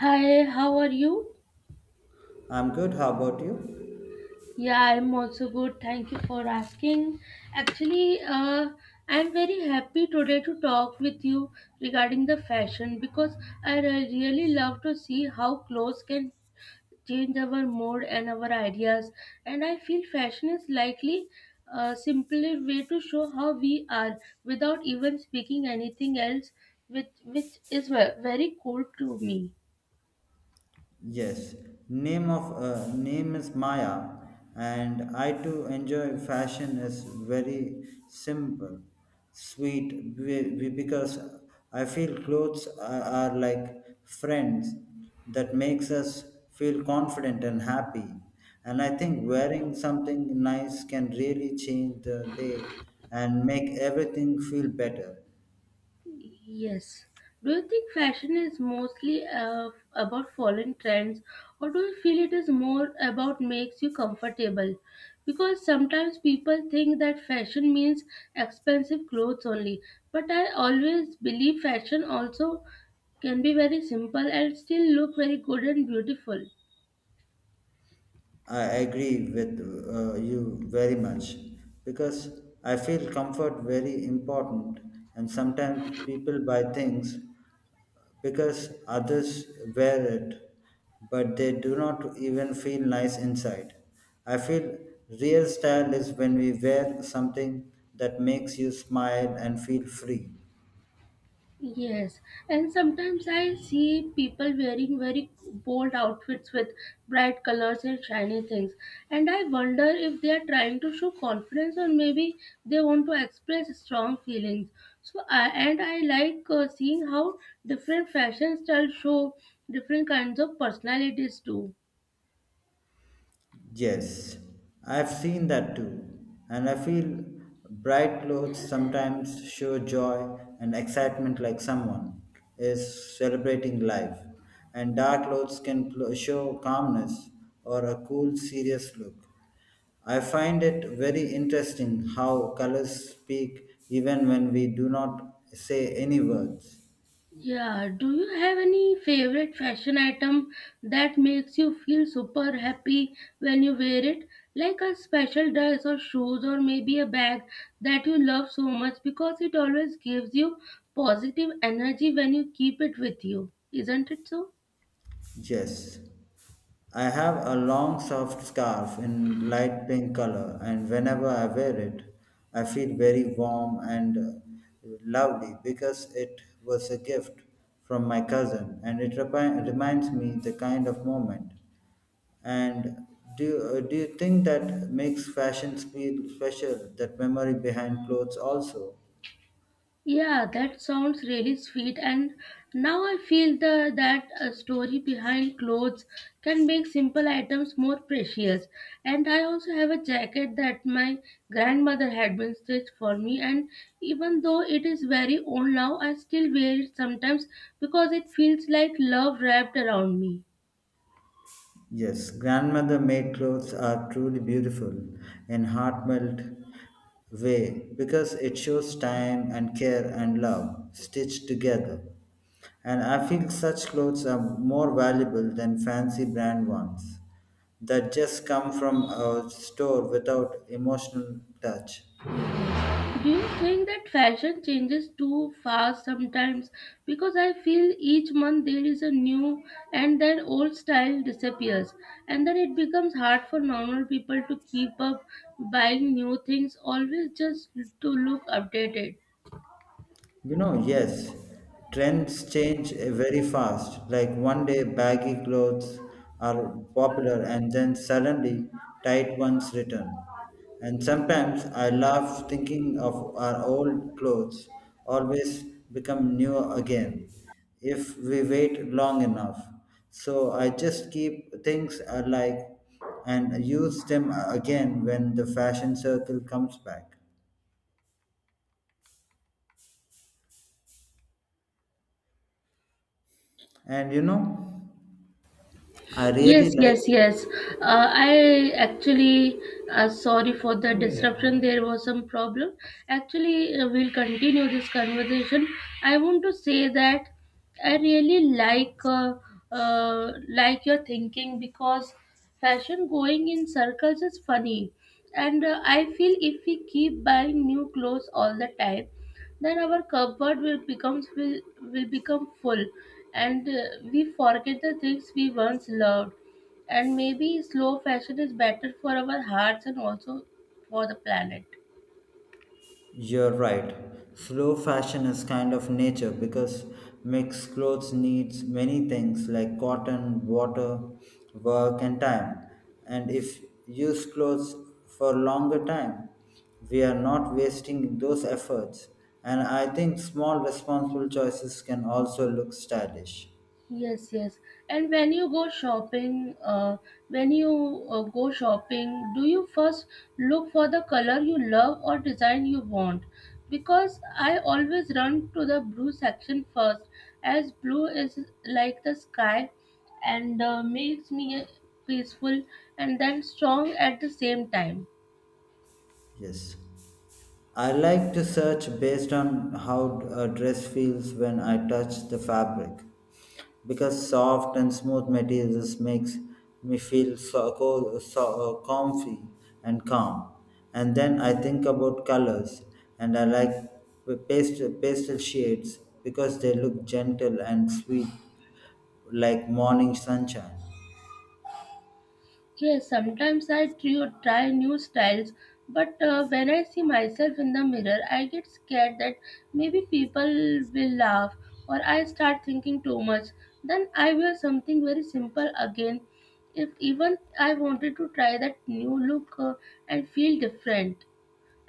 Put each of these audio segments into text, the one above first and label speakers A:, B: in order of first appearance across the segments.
A: Hi, how are you?
B: I'm good. How about you?
A: Yeah, I'm also good. Thank you for asking. Actually, I'm very happy today to talk with you regarding the fashion because I really love to see how clothes can change our mood and our ideas. And I feel fashion is likely a simpler way to show how we are without even speaking anything else, which is very cool to me.
B: Yes. Name is Maya, and I too enjoy fashion. Is very simple, sweet, because I feel clothes are like friends that makes us feel confident and happy. And I think wearing something nice can really change the day and make everything feel better.
A: Yes. Do you think fashion is mostly about following trends, or do you feel it is more about makes you comfortable? Because sometimes people think that fashion means expensive clothes only, but I always believe fashion also can be very simple and still look very good and beautiful.
B: I agree with you very much because I feel comfort very important and sometimes people buy things because others wear it but they do not even feel nice inside. I feel real style is when we wear something that makes you smile and feel free.
A: Yes, and sometimes I see people wearing very bold outfits with bright colors and shiny things, and I wonder if they are trying to show confidence or maybe they want to express strong feelings. So, and I like seeing how different fashion styles show different kinds of personalities too.
B: Yes, I've seen that too, and I feel bright clothes sometimes show joy and excitement like someone is celebrating life, and dark clothes can show calmness or a cool, serious look. I find it very interesting how colors speak even when we do not say any words.
A: Yeah, do you have any favorite fashion item that makes you feel super happy when you wear it? Like a special dress or shoes or maybe a bag that you love so much because it always gives you positive energy when you keep it with you. Isn't it so?
B: Yes. I have a long soft scarf in light pink color, and whenever I wear it, I feel very warm and lovely because it was a gift from my cousin and it reminds me the kind of moment. And do you think that makes fashion feel special, that memory behind clothes also?
A: Yeah, that sounds really sweet. And now I feel that a story behind clothes can make simple items more precious. And I also have a jacket that my grandmother had been stitched for me. And even though it is very old now, I still wear it sometimes because it feels like love wrapped around me.
B: Yes, grandmother made clothes are truly beautiful in heartfelt way because it shows time and care and love stitched together. And I feel such clothes are more valuable than fancy brand ones that just come from a store without emotional touch.
A: Do you think that fashion changes too fast sometimes? Because I feel each month there is a new and then old style disappears, and then it becomes hard for normal people to keep up buying new things always just to look updated.
B: You know, yes, trends change very fast. Like one day, baggy clothes are popular, and then suddenly, tight ones return. And sometimes I laugh thinking of our old clothes always become new again if we wait long enough. So I just keep things I like and use them again when the fashion circle comes back and you know I really
A: Yes,
B: like.
A: yes, yes. I actually, sorry for the disruption. There was some problem. Actually, we'll continue this conversation. I want to say that I really like your thinking because fashion going in circles is funny, and I feel if we keep buying new clothes all the time, then our cupboard will become full and we forget the things we once loved and maybe slow fashion is better for our hearts and also for the planet.
B: You're right. Slow fashion is kind of nature because mixed clothes needs many things like cotton, water, work and time. And if use clothes for longer time, we are not wasting those efforts. And I think small responsible choices can also look stylish.
A: Yes, yes. And when you go shopping, when you go shopping, do you first look for the color you love or design you want? Because I always run to the blue section first, as blue is like the sky and makes me peaceful and then strong at the same time.
B: Yes. I like to search based on how a dress feels when I touch the fabric because soft and smooth materials makes me feel so comfy and calm. And then I think about colors and I like pastel shades because they look gentle and sweet like morning sunshine.
A: Yes, sometimes I try new styles, but when I see myself in the mirror, I get scared that maybe people will laugh or I start thinking too much. Then I wear something very simple again. If even I wanted to try that new look and feel different,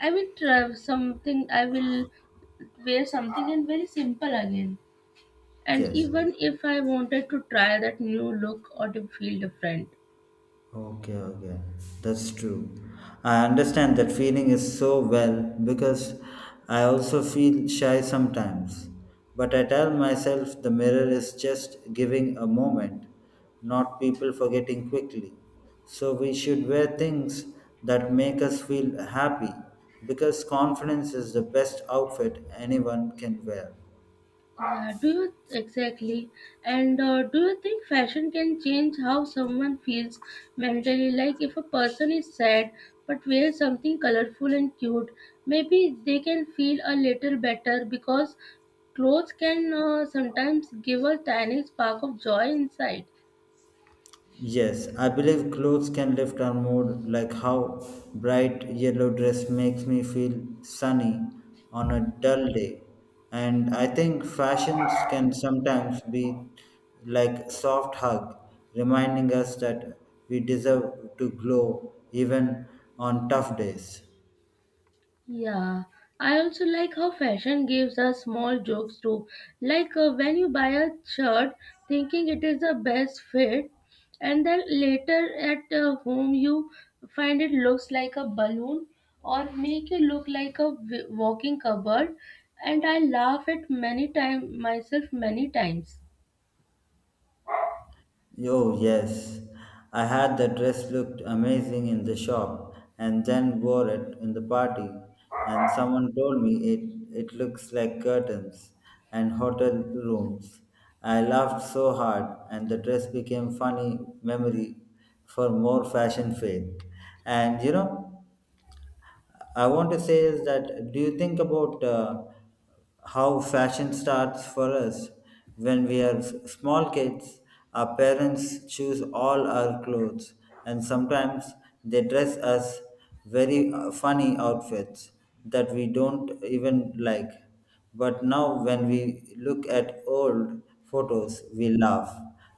A: I will wear something and very simple again. And
B: Yes.
A: even if I wanted to try that new look or to feel different.
B: Okay, that's true. I understand that feeling is so well because I also feel shy sometimes. But I tell myself the mirror is just giving a moment, not people forgetting quickly. So we should wear things that make us feel happy because confidence is the best outfit anyone can wear.
A: Yeah, do you exactly? And do you think fashion can change how someone feels mentally? Like if a person is sad but wears something colorful and cute, maybe they can feel a little better because clothes can sometimes give a tiny spark of joy inside.
B: Yes, I believe clothes can lift our mood, like how bright yellow dress makes me feel sunny on a dull day. And I think fashions can sometimes be like soft hug, reminding us that we deserve to glow even on tough days.
A: Yeah, I also like how fashion gives us small jokes too. Like when you buy a shirt thinking it is the best fit, and then later at home you find it looks like a balloon or make it look like a walking cupboard. And I laugh at many time myself many times.
B: Oh, yes. I had the dress looked amazing in the shop and then wore it in the party. And someone told me it looks like curtains and hotel rooms. I laughed so hard, and the dress became funny memory for more fashion fame. And you know, I want to say is that do you think about how fashion starts for us when we are small kids? Our parents choose all our clothes, and sometimes they dress us very funny outfits that we don't even like. But now, when we look at old photos, we laugh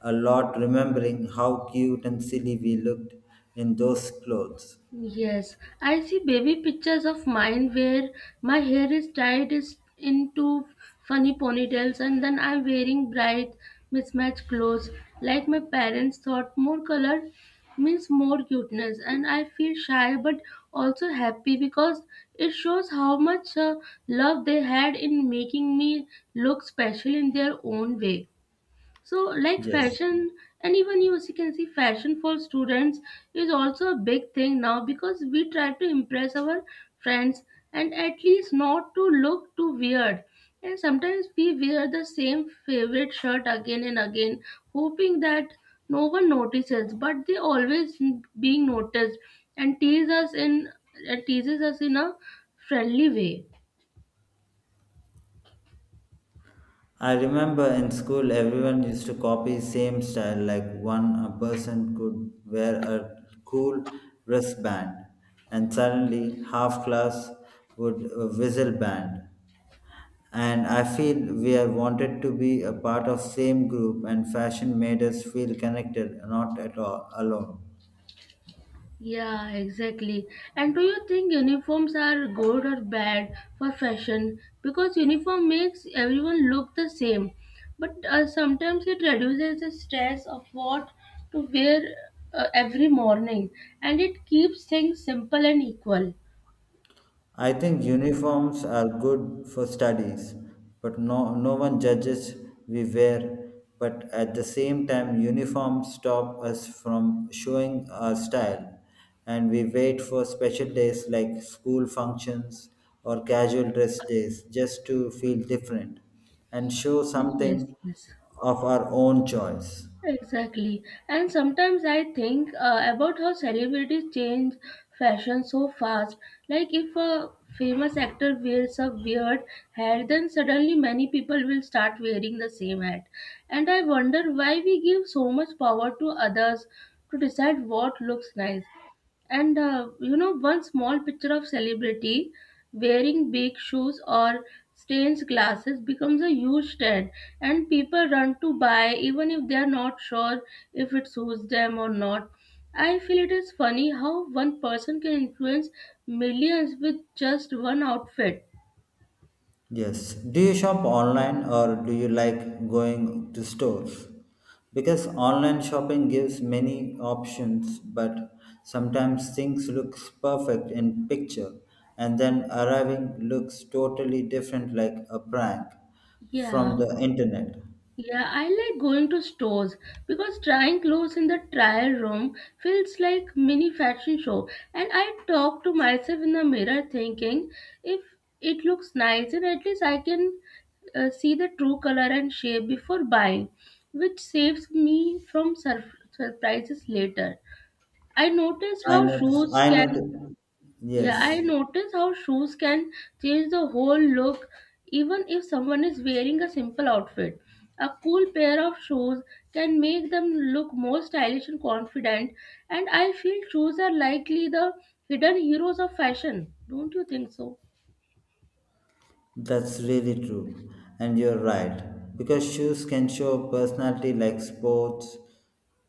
B: a lot, remembering how cute and silly we looked in those clothes.
A: Yes, I see baby pictures of mine where my hair is tied is into funny ponytails, and then I'm wearing bright mismatched clothes like my parents thought more color means more cuteness. And I feel shy but also happy because it shows how much love they had in making me look special in their own way. So like
B: Yes.
A: fashion, and even you as you can see, fashion for students is also a big thing now because we try to impress our friends and at least not to look too weird. And sometimes we wear the same favorite shirt again and again, hoping that no one notices, but they always being noticed and teases us in a friendly way.
B: I remember in school everyone used to copy same style like one a person could wear a cool wristband and suddenly half class would whistle band and I feel we are wanted to be a part of same group and fashion made us feel connected not at all alone.
A: Yeah, exactly. And do you think uniforms are good or bad for fashion? Because uniform makes everyone look the same, but sometimes it reduces the stress of what to wear every morning, and it keeps things simple and equal.
B: I think uniforms are good for studies, but no, no one judges we wear. But at the same time, uniforms stop us from showing our style, and we wait for special days like school functions or casual dress days just to feel different and show
A: Yes,
B: something
A: yes.
B: of our own choice.
A: Exactly. And sometimes I think about how celebrities change fashion so fast. Like if a famous actor wears a weird hat, then suddenly many people will start wearing the same hat. And I wonder why we give so much power to others to decide what looks nice. And you know, one small picture of celebrity wearing big shoes or stained glasses becomes a huge trend, and people run to buy even if they are not sure if it suits them or not. I feel it is funny how one person can influence millions with just one outfit.
B: Yes. Do you shop online or do you like going to stores? Because online shopping gives many options, but sometimes things looks perfect in picture and then arriving looks totally different like a prank from
A: Yeah.
B: the internet.
A: Yeah, I like going to stores because trying clothes in the trial room feels like mini fashion show, and I talk to myself in the mirror thinking if it looks nice, and at least I can see the true color and shape before buying, which saves me from surprises later. I noticed
B: I
A: how
B: notice
A: shoes
B: I
A: can
B: notice
A: yeah, I
B: yes.
A: notice how shoes can change the whole look even if someone is wearing a simple outfit. A cool pair of shoes can make them look more stylish and confident, and I feel shoes are likely the hidden heroes of fashion. Don't you think so?
B: That's really true. And you're right. Because shoes can show personality like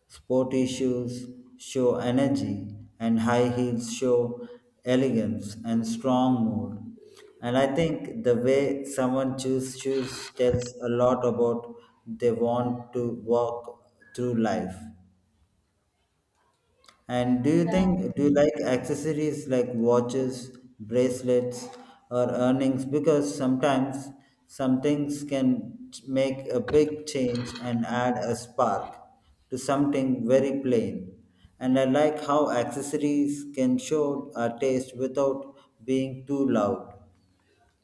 B: sporty shoes show energy, and high heels show elegance and strong mood. And I think the way someone chooses shoes tells a lot about they want to walk through life. And
A: Yeah.
B: do you like accessories like watches, bracelets, or earrings? Because sometimes some things can make a big change and add a spark to something very plain. And I like how accessories can show our taste without being too loud.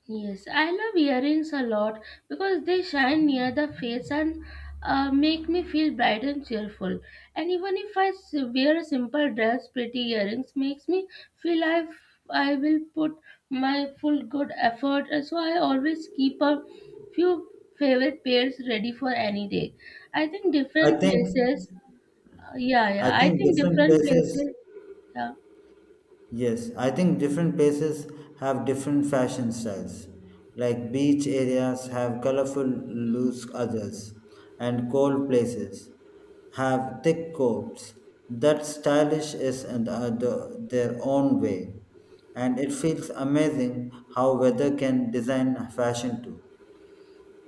A: Yes, I love earrings a lot because they shine near the face and make me feel bright and cheerful. And even if I wear a simple dress, pretty earrings makes me feel I will put my full good effort. And so I always keep a few favorite pairs ready for any day. I think
B: I
A: different
B: think
A: places. Yeah,
B: I
A: yeah. I
B: think
A: think
B: different
A: different
B: places.
A: places. Yeah.
B: Yes, I think different places have different fashion styles. Like beach areas have colorful loose others, and cold places have thick coats. That stylish is and their own way, and it feels amazing how weather can design fashion too.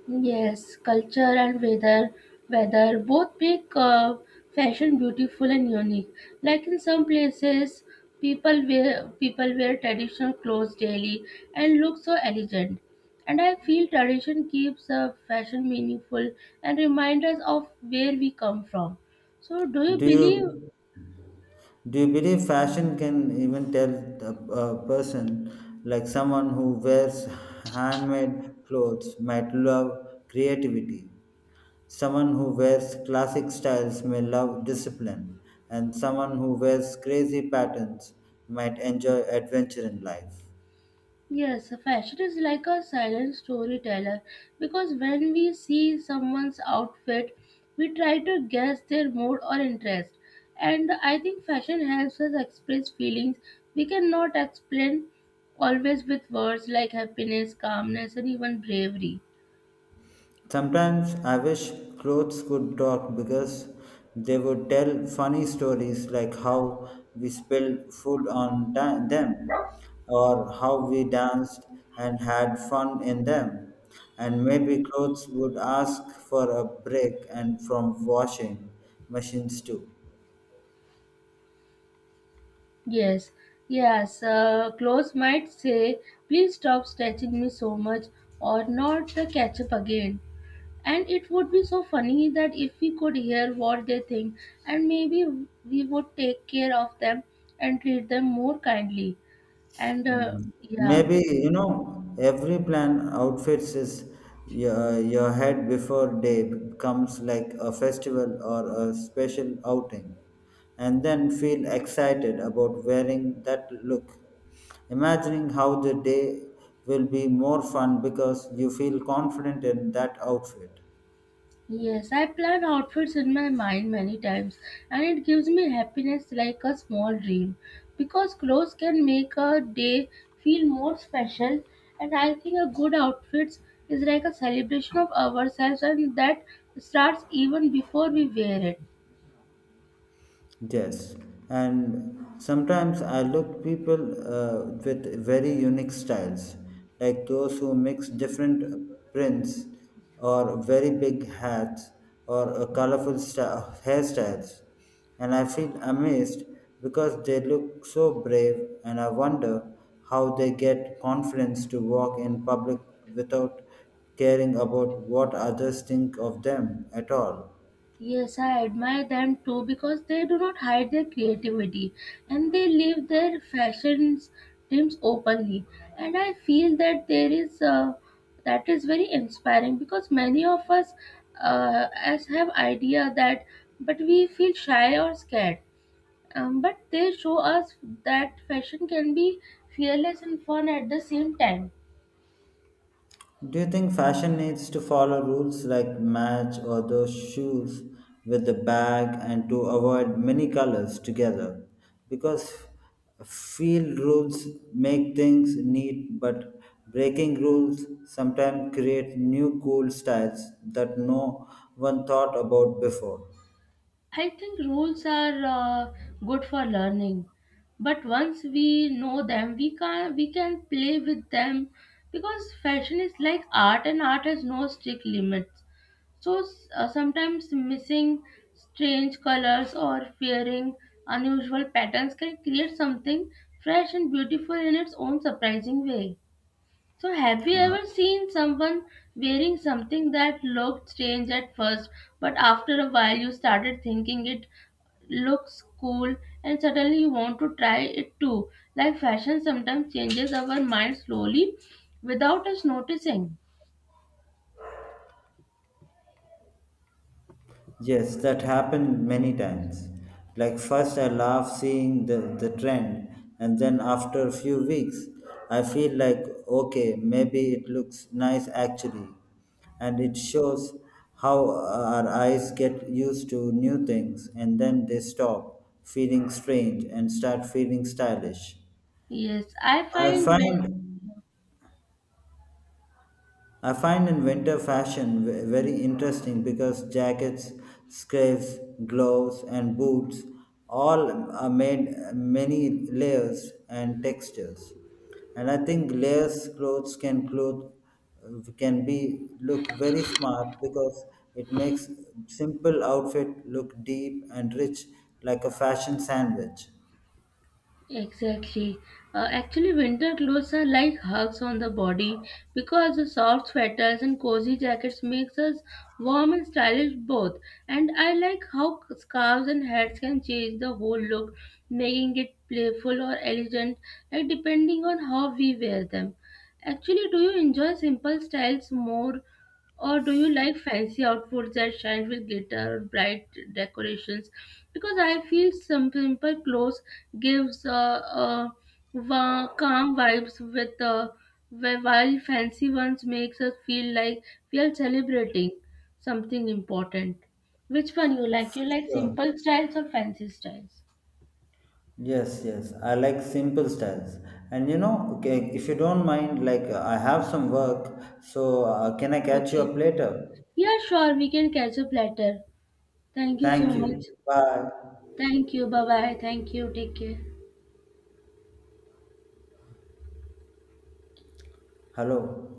A: Yes, culture and weather, weather both make fashion beautiful and unique. Like in some places, people wear traditional clothes daily and look so elegant. And I feel tradition keeps fashion meaningful and reminds us of where we come from. So, do you
B: Do
A: believe
B: you Do you believe fashion can even tell a person, like someone who wears handmade clothes might love creativity? Someone who wears classic styles may love discipline, and someone who wears crazy patterns might enjoy adventure in life.
A: yes, fashion is like a silent storyteller because when we see someone's outfit, we try to guess their mood or interest. And I think fashion helps us express feelings we cannot explain always with words like happiness, calmness, and even bravery.
B: Sometimes I wish clothes could talk because they would tell funny stories like how we spilled food on them or how we danced and had fun in them. And maybe clothes would ask for a break and from washing machines too.
A: Yes, yes, clothes might say, please stop stretching me so much or not the ketchup again. And it would be so funny that if we could hear what they think, and maybe we would take care of them and treat them more kindly. And yeah,
B: Maybe, you know, every plan outfits is your head before day comes like a festival or a special outing, and then feel excited about wearing that look, imagining how the day will be more fun because you feel confident in that outfit.
A: yes, I plan outfits in my mind many times, and it gives me happiness like a small dream because clothes can make a day feel more special. And I think a good outfit is like a celebration of ourselves, and that starts even before we wear it.
B: Yes, and sometimes I look people with very unique styles, like those who mix different prints or very big hats or colorful hairstyles, and I feel amazed because they look so brave, and I wonder how they get confidence to walk in public without caring about what others think of them at all.
A: Yes, I admire them too because they do not hide their creativity and they live their fashion dreams openly. And I feel that there is that is very inspiring because many of us as have idea that, but we feel shy or scared. But they show us that fashion can be fearless and fun at the same time.
B: Do you think fashion needs to follow rules like match or those shoes with the bag and to avoid many colors together? Because field rules make things neat, but breaking rules sometimes create new cool styles that no one thought about before.
A: I think rules are good for learning, but once we know them, we can play with them because fashion is like art, and art has no strict limits. So sometimes missing strange colors or fearing unusual patterns can create something fresh and beautiful in its own surprising way. So, have you ever seen someone wearing something that looked strange at first, but after a while you started thinking it looks cool and suddenly you want to try it too? Like fashion sometimes changes our mind slowly without us noticing.
B: Yes, that happened many times. Like first I laugh seeing the trend and then after a few weeks I feel like okay, maybe it looks nice actually. And it shows how our eyes get used to new things and then they stop feeling strange and start feeling stylish.
A: Yes, I
B: I
A: find when
B: find I find in winter fashion very interesting because jackets, scarves, gloves, and boots all are made many layers and textures. And I think layers clothes can be look very smart because it makes simple outfit look deep and rich like a fashion sandwich.
A: exactly. Actually, winter clothes are like hugs on the body because the soft sweaters and cozy jackets makes us warm and stylish both. And I like how scarves and hats can change the whole look, making it playful or elegant, like depending on how we wear them. Actually, do you enjoy simple styles more or do you like fancy outfits that shine with glitter or bright decorations? Because I feel some simple clothes gives uh, calm vibes while fancy ones makes us feel like we are celebrating something important. Which one you like? You like
B: Sure.
A: simple styles or fancy styles?
B: Yes. I like simple styles. And you know, okay, if you don't mind, like I have some work, so can I catch you
A: Okay.
B: up later?
A: Yeah, sure. We can catch up later. Thank you so
B: Thank you.
A: much.
B: Bye.
A: Thank you. Bye bye. Thank you. Take care.
B: Hello.